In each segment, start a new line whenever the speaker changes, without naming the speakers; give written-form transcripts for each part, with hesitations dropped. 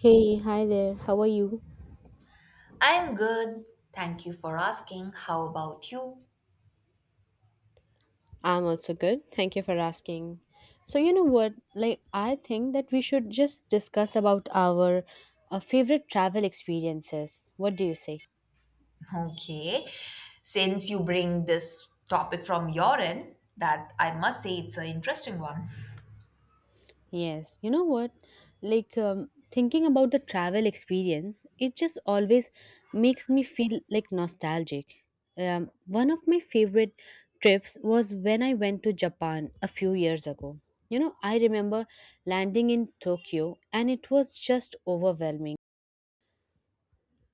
Hey, hi there. How are you?
I'm good. Thank you for asking. How about you?
I'm also good. Thank you for asking. So you know what? Like I think that we should just discuss about our favorite travel experiences. What do you say?
Okay. Since you bring this topic from your end, that I must say it's an interesting one.
Yes, you know what? Like thinking about the travel experience, it just always makes me feel like nostalgic. One of my favorite trips was when I went to Japan a few years ago. You know, I remember landing in Tokyo and it was just overwhelming.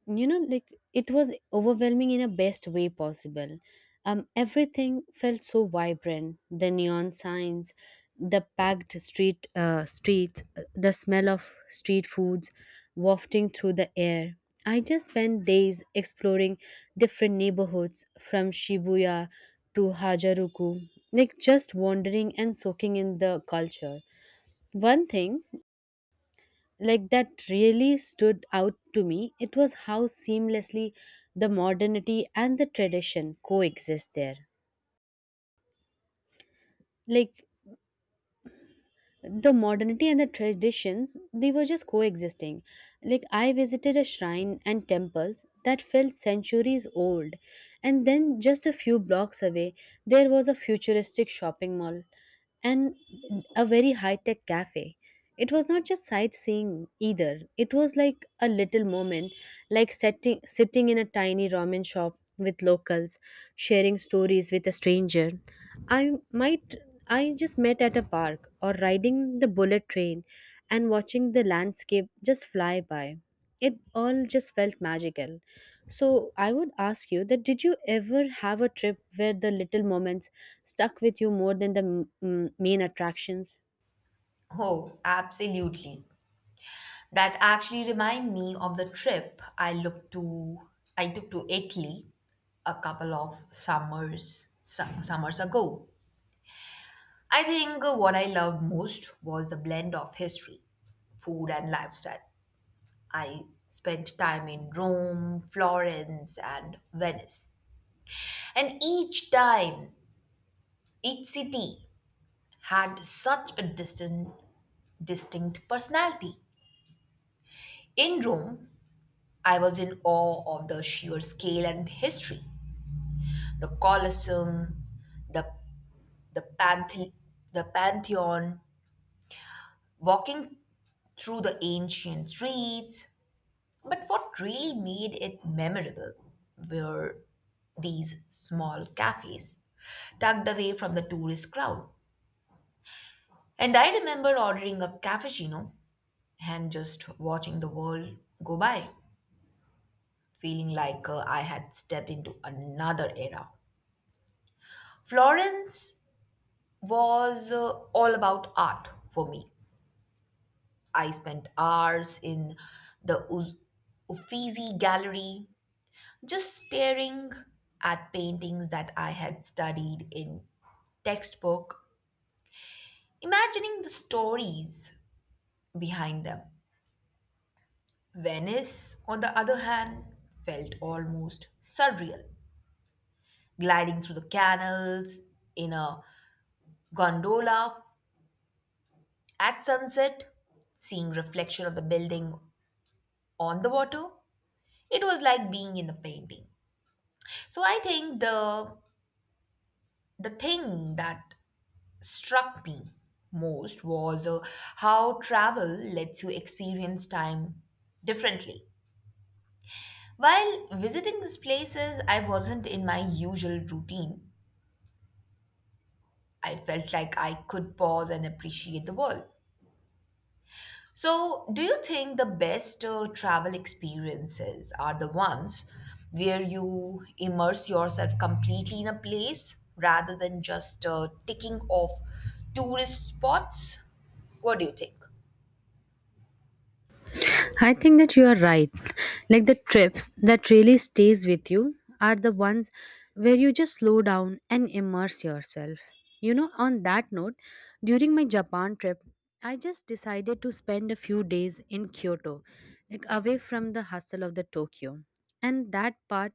Like, it was overwhelming in a best way possible. Everything felt so vibrant: the neon signs, the packed streets, the smell of street foods wafting through the air. I just spent days exploring different neighborhoods, from Shibuya to Harajuku, like just wandering and soaking in the culture. One thing like that really stood out to me, it was how seamlessly the modernity and the tradition coexist there. Like, the modernity and the traditions, they were just coexisting. Like, I visited a shrine and temples that felt centuries old, and then just a few blocks away there was a futuristic shopping mall and a very high tech cafe. It was not just sightseeing either. It was like a little moment, like sitting in a tiny ramen shop with locals, sharing stories with a stranger I might I just met at a park, or riding the bullet train and watching the landscape just fly by. It all just felt magical. So I would ask you, that did you ever have a trip where the little moments stuck with you more than the main attractions?
Oh, absolutely. That actually remind me of the trip I took to Italy a couple of summers ago. I think what I loved most was the blend of history, food and lifestyle. I spent time in Rome, Florence, and Venice. And each time, each city had such a distinct personality. In Rome, I was in awe of the sheer scale and history. The Colosseum, the, the, Panthe- the Pantheon, walking through the ancient streets. But what really made it memorable were these small cafes tucked away from the tourist crowd. And I remember ordering a cappuccino and just watching the world go by, feeling like I had stepped into another era. Florence was all about art for me. I spent hours in the Uffizi Gallery just staring at paintings that I had studied in textbook, imagining the stories behind them. Venice, on the other hand, felt almost surreal, gliding through the canals in a gondola at sunset, seeing reflection of the building on the water. It was like being in a painting. So I think the thing that struck me most was how travel lets you experience time differently. While visiting these places, I wasn't in my usual routine. I felt like I could pause and appreciate the world. So, do you think the best travel experiences are the ones where you immerse yourself completely in a place rather than just ticking off tourist spots? What do you think?
I think that you are right. Like, the trips that really stays with you are the ones where you just slow down and immerse yourself. You know, on that note, during my Japan trip, I just decided to spend a few days in Kyoto, like away from the hustle of the Tokyo. And that part,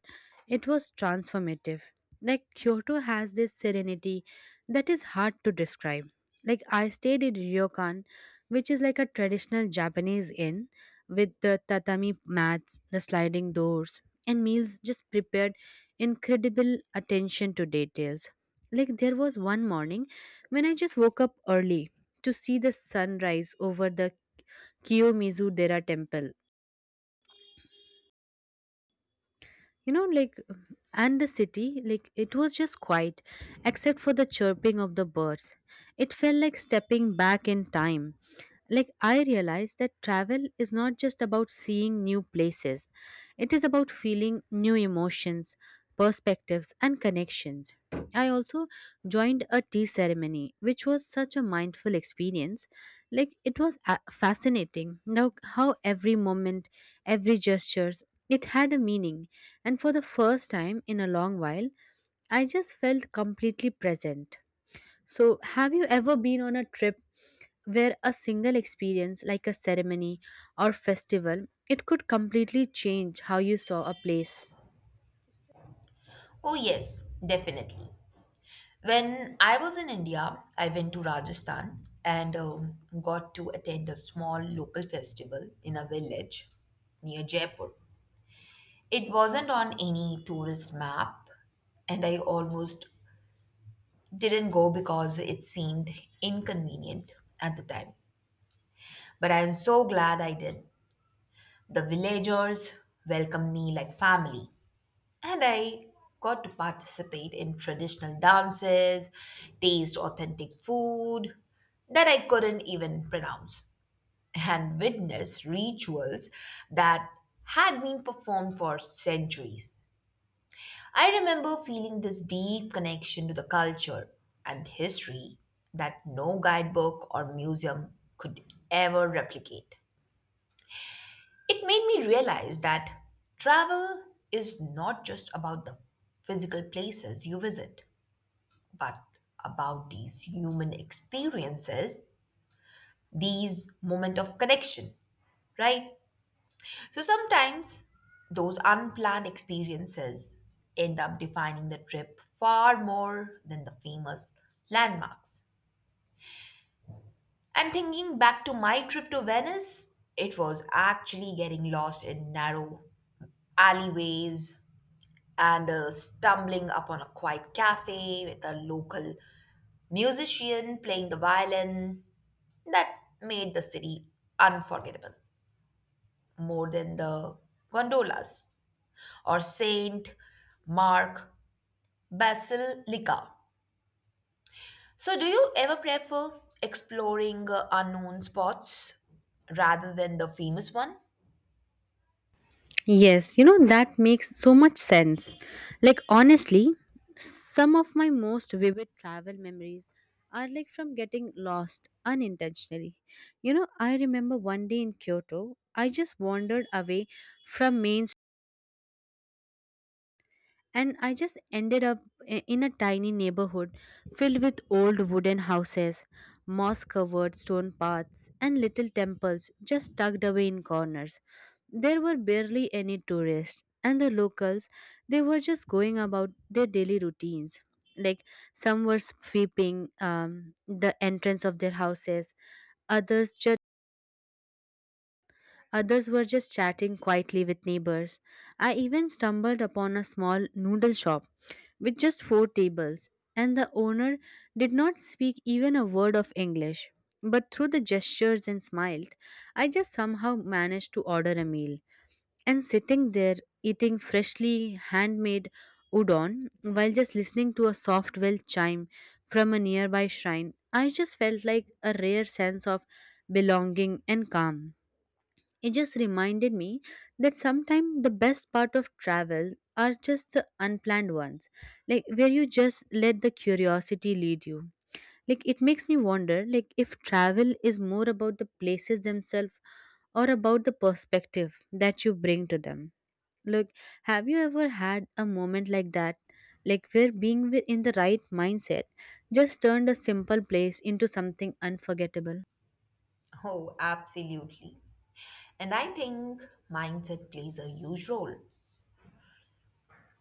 it was transformative. Like, Kyoto has this serenity that is hard to describe. Like, I stayed in Ryokan, which is like a traditional Japanese inn with the tatami mats, the sliding doors, and meals just prepared incredible attention to details. Like, there was one morning when I just woke up early to see the sunrise over the Kiyomizu Dera temple. You know, like, and the city, like, it was just quiet except for the chirping of the birds. It felt like stepping back in time. Like, I realize that travel is not just about seeing new places, it is about feeling new emotions, perspectives and connections. I also joined a tea ceremony, which was such a mindful experience. Like, it was fascinating now how every moment, every gestures, it had a meaning. And for the first time in a long while, I just felt completely present. So, have you ever been on a trip where a single experience, like a ceremony or festival, it could completely change how you saw a place?
Oh, yes, definitely. When I was in India, I went to Rajasthan and got to attend a small local festival in a village near Jaipur. It wasn't on any tourist map, and I almost didn't go because it seemed inconvenient at the time. But I am so glad I did. The villagers welcomed me like family, and I got to participate in traditional dances, taste authentic food that I couldn't even pronounce, and witness rituals that had been performed for centuries. I remember feeling this deep connection to the culture and history that no guidebook or museum could ever replicate. It made me realize that travel is not just about the physical places you visit, but about these human experiences, these moment of connection, right? So sometimes those unplanned experiences end up defining the trip far more than the famous landmarks. And thinking back to my trip to Venice, it was actually getting lost in narrow alleyways, and stumbling upon a quiet cafe with a local musician playing the violin that made the city unforgettable more than the gondolas or Saint Mark Basilica. So, do you ever prefer exploring unknown spots rather than the famous one?
Yes, you know, that makes so much sense. Like, honestly, some of my most vivid travel memories are like from getting lost unintentionally. You know, I remember one day in Kyoto, I just wandered away from main, and I just ended up in a tiny neighborhood filled with old wooden houses, moss covered stone paths, and little temples just tucked away in corners. There were barely any tourists, and the locals, they were just going about their daily routines. Like, some were sweeping the entrance of their houses, others just others were just chatting quietly with neighbors. I even stumbled upon a small noodle shop with just four tables, and the owner did not speak even a word of English. But through the gestures and smiled, I just somehow managed to order a meal. And sitting there, eating freshly handmade udon while just listening to a soft bell chime from a nearby shrine, I just felt like a rare sense of belonging and calm. It just reminded me that sometimes the best part of travel are just the unplanned ones, like where you just let the curiosity lead you. Like, it makes me wonder, like, if travel is more about the places themselves or about the perspective that you bring to them. Look, have you ever had a moment like that? Like, where being in the right mindset just turned a simple place into something unforgettable?
Oh, absolutely. And I think mindset plays a huge role.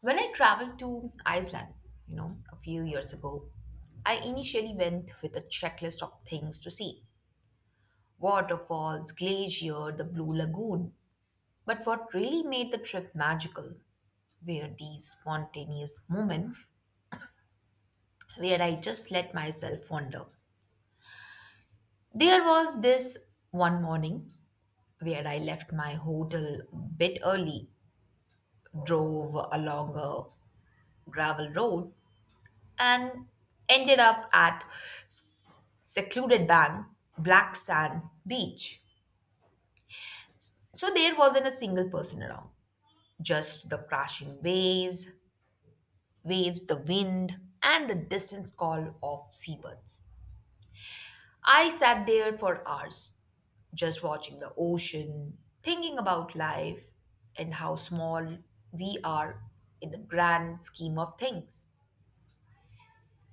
When I traveled to Iceland, you know, a few years ago, I initially went with a checklist of things to see: waterfalls, glacier, the Blue Lagoon. But what really made the trip magical were these spontaneous moments where I just let myself wander. There was this one morning where I left my hotel a bit early, drove along a gravel road, and ended up at secluded bank, black sand beach. So there wasn't a single person around, just the crashing waves, the wind, and the distant call of seabirds. I sat there for hours, just watching the ocean, thinking about life and how small we are in the grand scheme of things.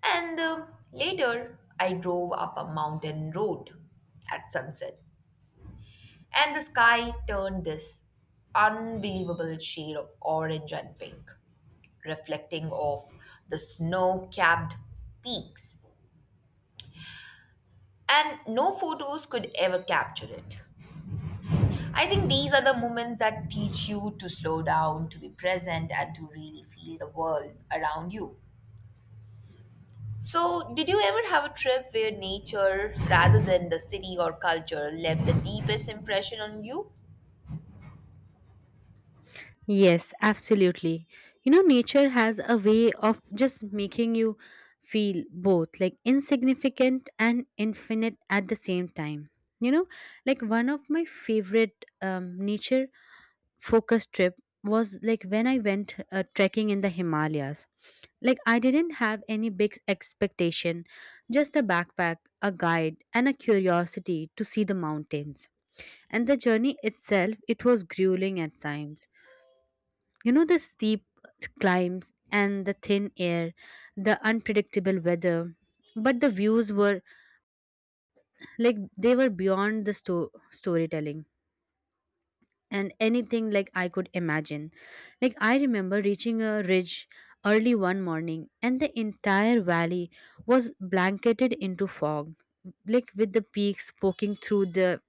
And later, I drove up a mountain road at sunset and the sky turned this unbelievable shade of orange and pink, reflecting off the snow capped peaks. And no photos could ever capture it. I think these are the moments that teach you to slow down, to be present, and to really feel the world around you. So, did you ever have a trip where nature, rather than the city or culture, left the deepest impression on you?
Yes, absolutely. You know, nature has a way of just making you feel both like insignificant and infinite at the same time. You know, like, one of my favorite nature focused trip was like when I went trekking in the Himalayas. Like, I didn't have any big expectation, just a backpack, a guide, and a curiosity to see the mountains. And the journey itself, it was grueling at times. You know, the steep climbs and the thin air, the unpredictable weather. But the views were, like, they were beyond the storytelling and anything like I could imagine. Like, I remember reaching a ridge early one morning, and the entire valley was blanketed into fog, like with the peaks poking through the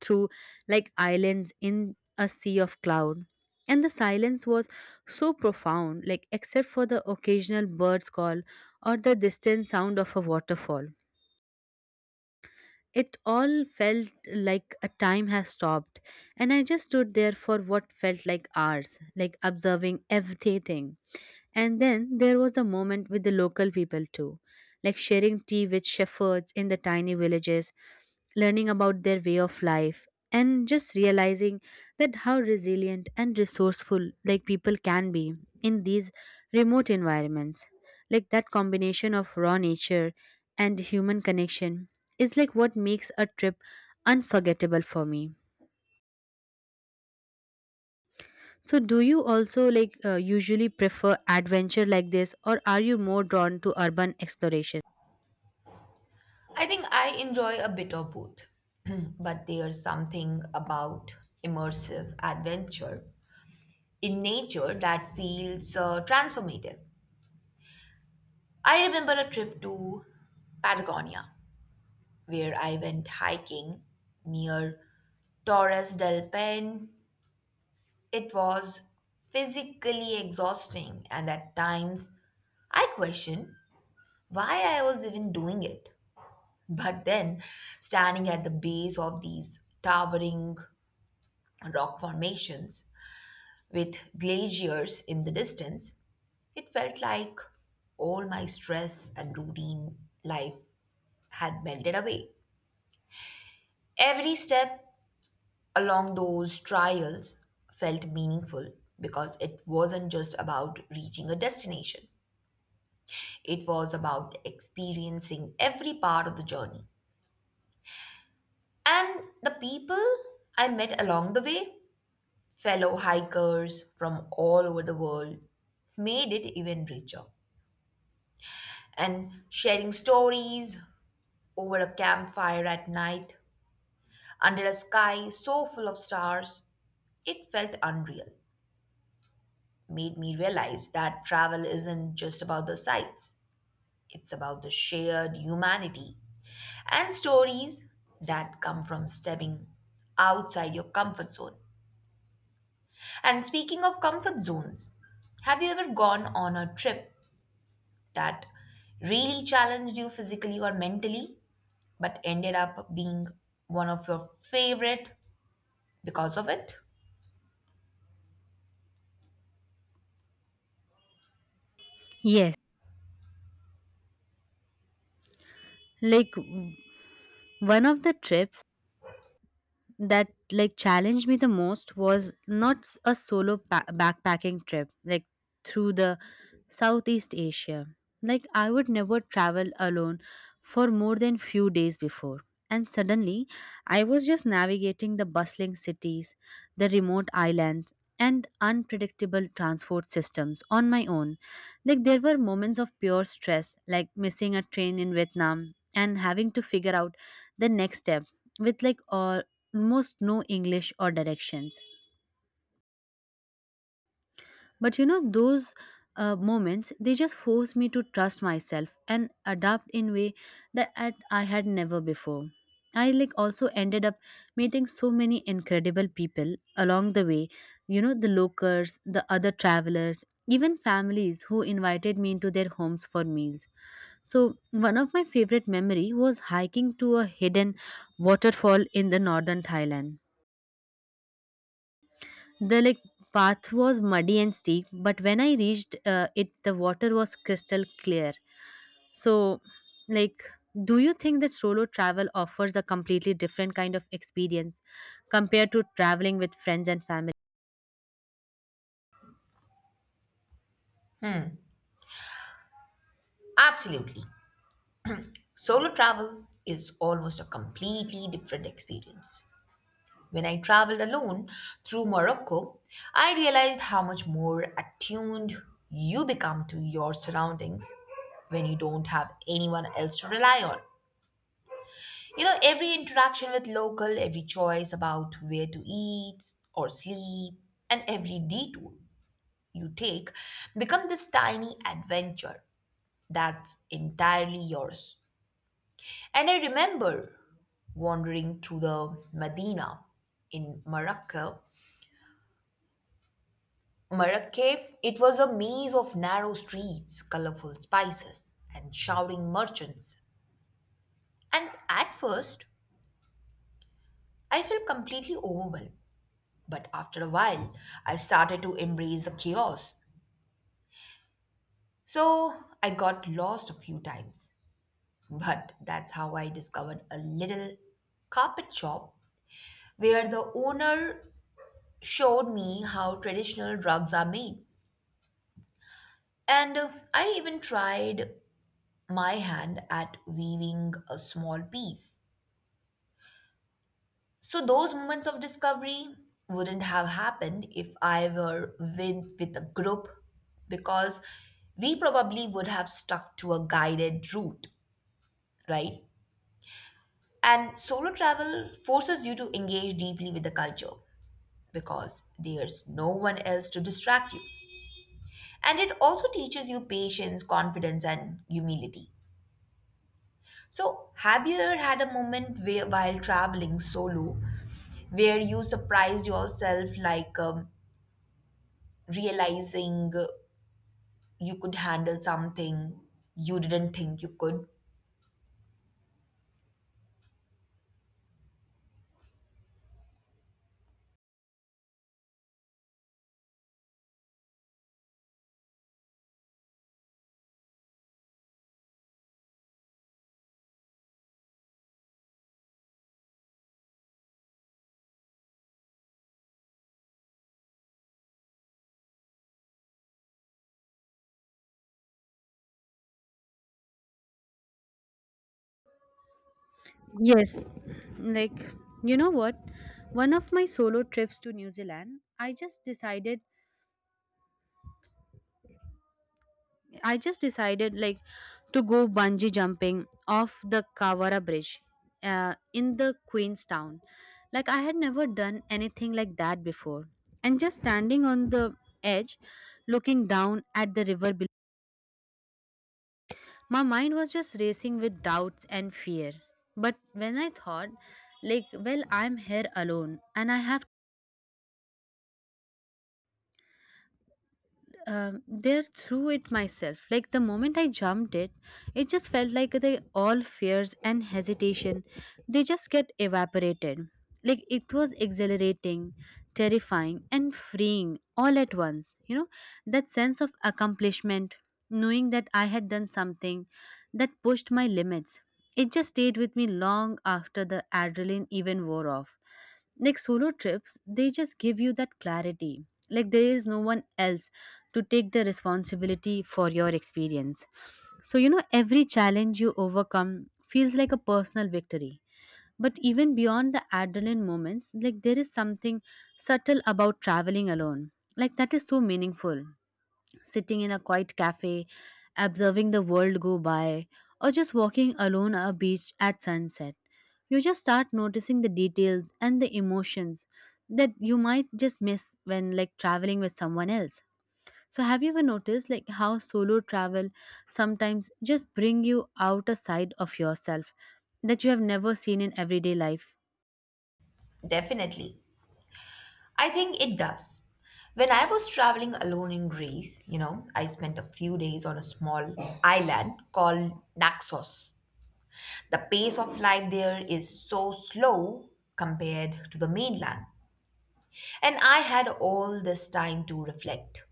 through like islands in a sea of cloud. And the silence was so profound, like except for the occasional bird's call or the distant sound of a waterfall. It all felt like a time has stopped, and I just stood there for what felt like hours, like observing everything. And then there was the moment with the local people too, like sharing tea with shepherds in the tiny villages, learning about their way of life, and just realizing that how resilient and resourceful, like, people can be in these remote environments. Like, that combination of raw nature and human connection is like what makes a trip unforgettable for me. So, do you also like usually prefer adventure like this, or are you more drawn to urban exploration?
I think I enjoy a bit of both, but there's something about immersive adventure in nature that feels transformative. I remember a trip to Patagonia where I went hiking near Torres del Paine. It was physically exhausting, and at times I questioned why I was even doing it. But then, standing at the base of these towering rock formations with glaciers in the distance, it felt like all my stress and routine life had melted away. Every step along those trials felt meaningful because it wasn't just about reaching a destination, it was about experiencing every part of the journey. And the people I met along the way, fellow hikers from all over the world, made it even richer, and sharing stories over a campfire at night under a sky so full of stars, it felt unreal. Made me realize that travel isn't just about the sights, it's about the shared humanity and stories that come from stepping outside your comfort zone. And speaking of comfort zones, have you ever gone on a trip that really challenged you physically or mentally, but ended up being one of your favorite because of it?
Yes, like one of the trips that like challenged me the most was not a solo backpacking trip like through the Southeast Asia. Like, I would never travel alone for more than few days before, and suddenly I was just navigating the bustling cities, the remote islands, and unpredictable transport systems on my own. Like, there were moments of pure stress, like missing a train in Vietnam and having to figure out the next step with, like, all almost no English or directions. But you know those moments, they just force me to trust myself and adapt in way that I had never before. I, like, also ended up meeting so many incredible people along the way. You know, the locals, the other travelers, even families who invited me into their homes for meals. So, one of my favorite memory was hiking to a hidden waterfall in the northern Thailand. The, like, path was muddy and steep, but when I reached it, the water was crystal clear. So, like, do you think that solo travel offers a completely different kind of experience compared to traveling with friends and family?
Absolutely. Solo travel is almost a completely different experience. When I traveled alone through Morocco, I realized how much more attuned you become to your surroundings when you don't have anyone else to rely on. You know, every interaction with local, every choice about where to eat or sleep, and every detour you take become this tiny adventure that's entirely yours. And I remember wandering through the Medina in Morocco. Marrakech, it was a maze of narrow streets, colorful spices, and shouting merchants. And at first, I felt completely overwhelmed. But after a while, I started to embrace the chaos. So I got lost a few times. But that's how I discovered a little carpet shop where the owner showed me how traditional rugs are made. And I even tried my hand at weaving a small piece. So those moments of discovery wouldn't have happened if I were with a group because we probably would have stuck to a guided route, right? And solo travel forces you to engage deeply with the culture because there's no one else to distract you. And it also teaches you patience, confidence, and humility. So, have you ever had a moment where, while traveling solo where you surprised yourself, like realizing you could handle something you didn't think you could?
Yes, like, you know what, one of my solo trips to New Zealand, I just decided, like, to go bungee jumping off the Kawara Bridge in the Queenstown. Like, I had never done anything like that before. And just standing on the edge, looking down at the river below, my mind was just racing with doubts and fear. But when I thought, like, well, I'm here alone and I have there through it myself. Like, the moment I jumped it, it just felt like the all fears and hesitation, they just get evaporated. Like, it was exhilarating, terrifying, and freeing all at once. You know, that sense of accomplishment, knowing that I had done something that pushed my limits. It just stayed with me long after the adrenaline even wore off. Like, solo trips, they just give you that clarity. Like, there is no one else to take the responsibility for your experience. So, you know, every challenge you overcome feels like a personal victory. But even beyond the adrenaline moments, like, there is something subtle about traveling alone. Like, that is so meaningful, sitting in a quiet cafe, observing the world go by, or just walking alone on a beach at sunset. You just start noticing the details and the emotions that you might just miss when, like, traveling with someone else. So, have you ever noticed, like, how solo travel sometimes just bring you out a side of yourself that you have never seen in everyday life?
Definitely. I think it does. When I was traveling alone in Greece, you know, I spent a few days on a small island called Naxos. The pace of life there is so slow compared to the mainland. And I had all this time to reflect,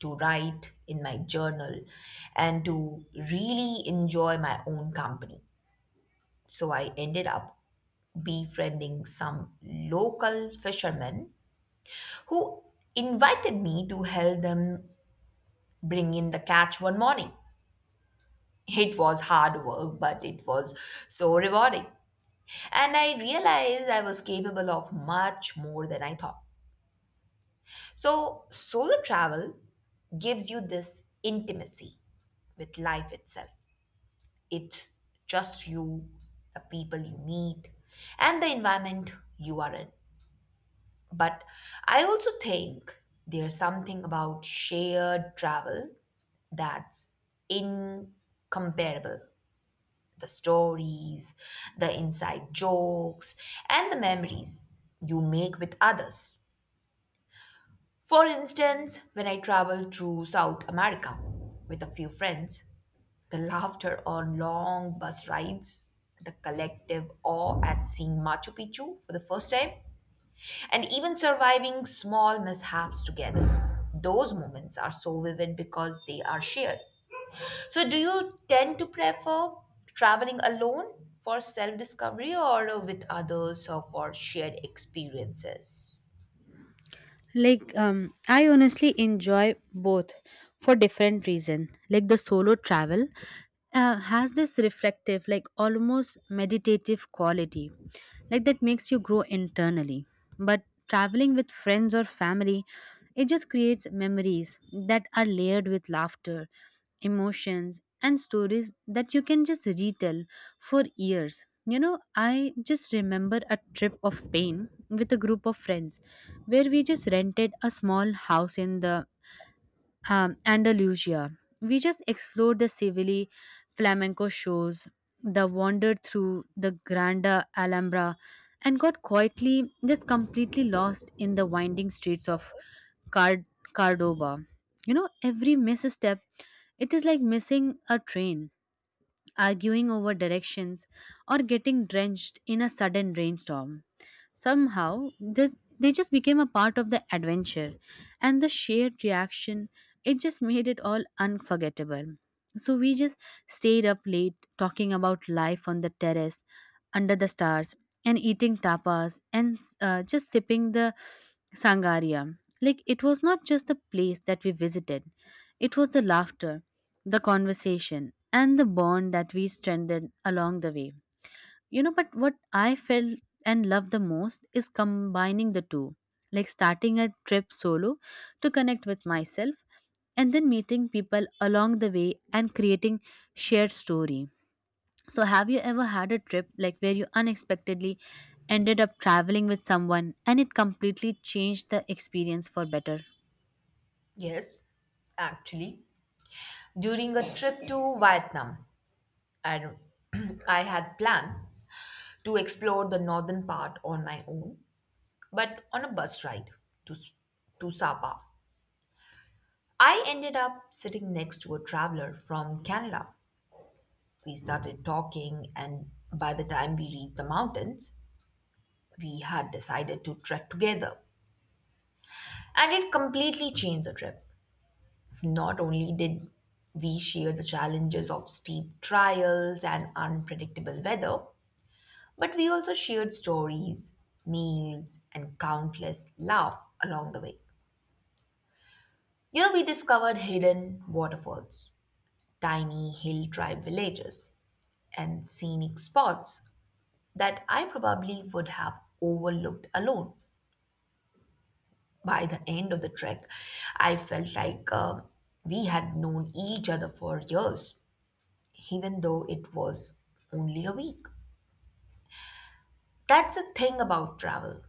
to write in my journal, and to really enjoy my own company. So I ended up befriending some local fishermen who invited me to help them bring in the catch one morning. It was hard work, but it was so rewarding. And I realized I was capable of much more than I thought. So, solo travel gives you this intimacy with life itself. It's just you, the people you meet, and the environment you are in. But I also think there's something about shared travel that's incomparable: the stories, the inside jokes, and the memories you make with others. For instance, when I travel through South America with a few friends, the laughter on long bus rides, the collective awe at seeing Machu Picchu for the first time, and even surviving small mishaps together. Those moments are so vivid because they are shared. So, do you tend to prefer traveling alone for self discovery or with others or for shared experiences?
Like, I honestly enjoy both for different reason. Like, the solo travel has this reflective, like, almost meditative quality, like, that makes you grow internally. But traveling with friends or family, it just creates memories that are layered with laughter, emotions and stories that you can just retell for years. You know, I just remember a trip of Spain with a group of friends where we just rented a small house in the Andalusia. We just explored the Seville flamenco shows, the wandered through the Granda Alhambra, and got quietly just completely lost in the winding streets of Card- Cordoba. You know, every misstep, it is like missing a train, arguing over directions, or getting drenched in a sudden rainstorm. Somehow, th- they just became a part of the adventure, and the shared reaction, it just made it all unforgettable. So, we just stayed up late talking about life on the terrace, under the stars, and eating tapas, and just sipping the Sangaria. Like, it was not just the place that we visited, it was the laughter, the conversation, and the bond that we strengthened along the way. You know, but what I felt and loved the most is combining the two, like starting a trip solo to connect with myself, and then meeting people along the way and creating shared story. So, have you ever had a trip, like, where you unexpectedly ended up traveling with someone and it completely changed the experience for better?
Yes, actually, during a trip to Vietnam, I, I had planned to explore the northern part on my own, but on a bus ride to, S- to Sapa. I ended up sitting next to a traveler from Canada. We started talking, and by the time we reached the mountains, we had decided to trek together. And it completely changed the trip. Not only did we share the challenges of steep trials and unpredictable weather, but we also shared stories, meals, and countless laughs along the way. You know, we discovered hidden waterfalls, tiny hill tribe villages, and scenic spots that I probably would have overlooked alone. By the end of the trek, I felt like we had known each other for years, even though it was only a week. That's the thing about travel,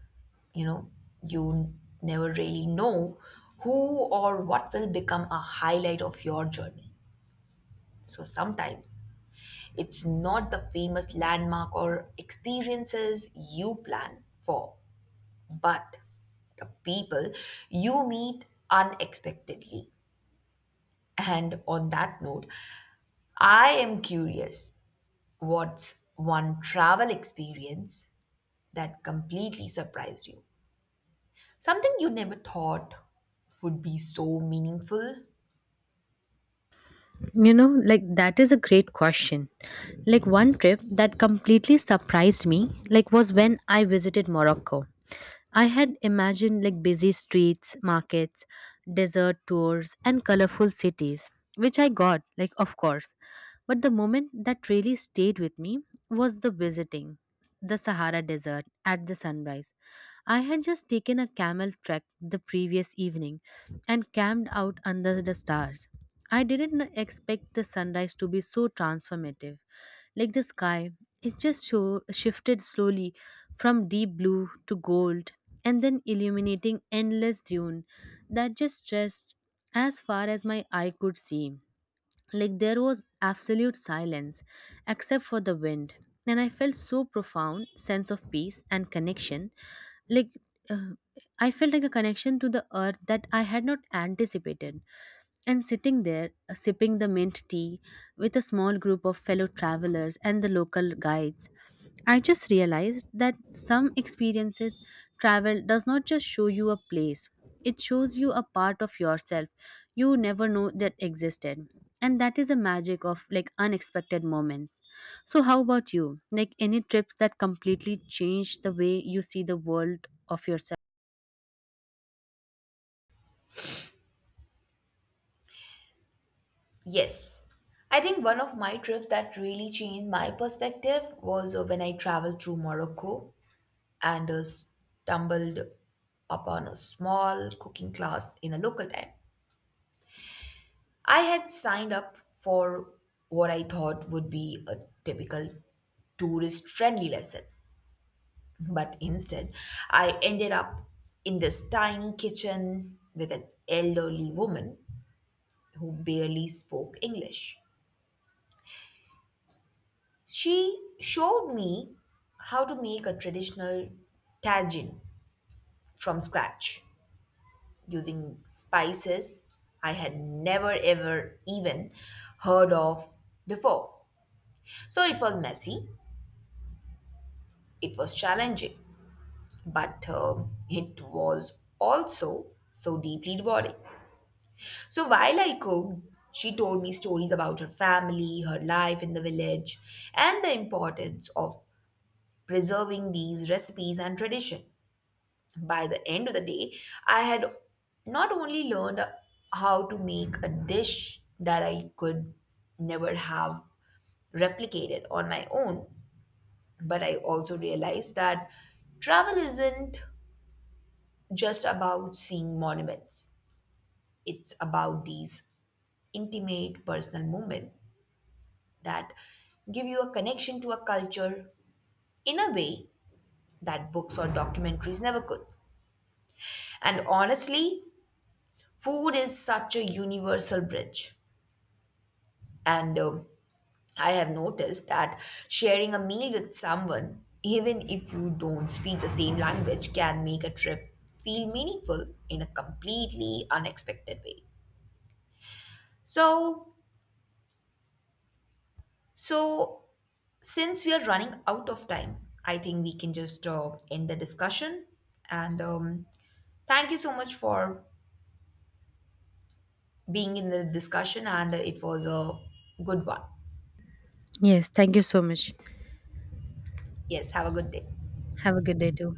you know, you never really know who or what will become a highlight of your journey. So sometimes it's not the famous landmark or experiences you plan for, but the people you meet unexpectedly. And on that note, I am curious, what's one travel experience that completely surprised you? Something you never thought would be so meaningful?
You know, like, that is a great question. Like, one trip that completely surprised me, like, was when I visited Morocco. I had imagined like busy streets, markets, desert tours and colorful cities, which I got, like, of course. But the moment that really stayed with me was the visiting the Sahara Desert at the sunrise. I had just taken a camel trek the previous evening and camped out under the stars. I didn't expect the sunrise to be so transformative. Like, the sky, it just shifted slowly from deep blue to gold, and then illuminating endless dune that just stretched as far as my eye could see. Like, there was absolute silence except for the wind, and I felt so profound sense of peace and connection, like, uh, I felt like a connection to the earth that I had not anticipated. And sitting there, sipping the mint tea with a small group of fellow travelers and the local guides, I just realized that some experiences, travel does not just show you a place, it shows you a part of yourself you never know that existed. And that is the magic of, like, unexpected moments. So, how about you? Like, any trips that completely change the way you see the world of yourself?
Yes. I think one of my trips that really changed my perspective was when I traveled through Morocco and stumbled upon a small cooking class in a local town. I had signed up for what I thought would be a typical tourist friendly lesson, but instead I ended up in this tiny kitchen with an elderly woman who barely spoke English. She showed me how to make a traditional tagine from scratch using spices I had never ever even heard of before. So it was messy. It was challenging, but it was also so deeply rewarding. So while I cooked, she told me stories about her family, her life in the village, and the importance of preserving these recipes and tradition. By the end of the day, I had not only learned how to make a dish that I could never have replicated on my own, but I also realized that travel isn't just about seeing monuments. It's about these intimate personal moments that give you a connection to a culture in a way that books or documentaries never could. And honestly, food is such a universal bridge. And I have noticed that sharing a meal with someone, even if you don't speak the same language, can make a trip feel meaningful in a completely unexpected way. So, so since we are running out of time, I think we can just end the discussion. And thank you so much for being in the discussion, and it was a good one.
Yes, thank you so much.
Yes, have a good day.
Have a good day too.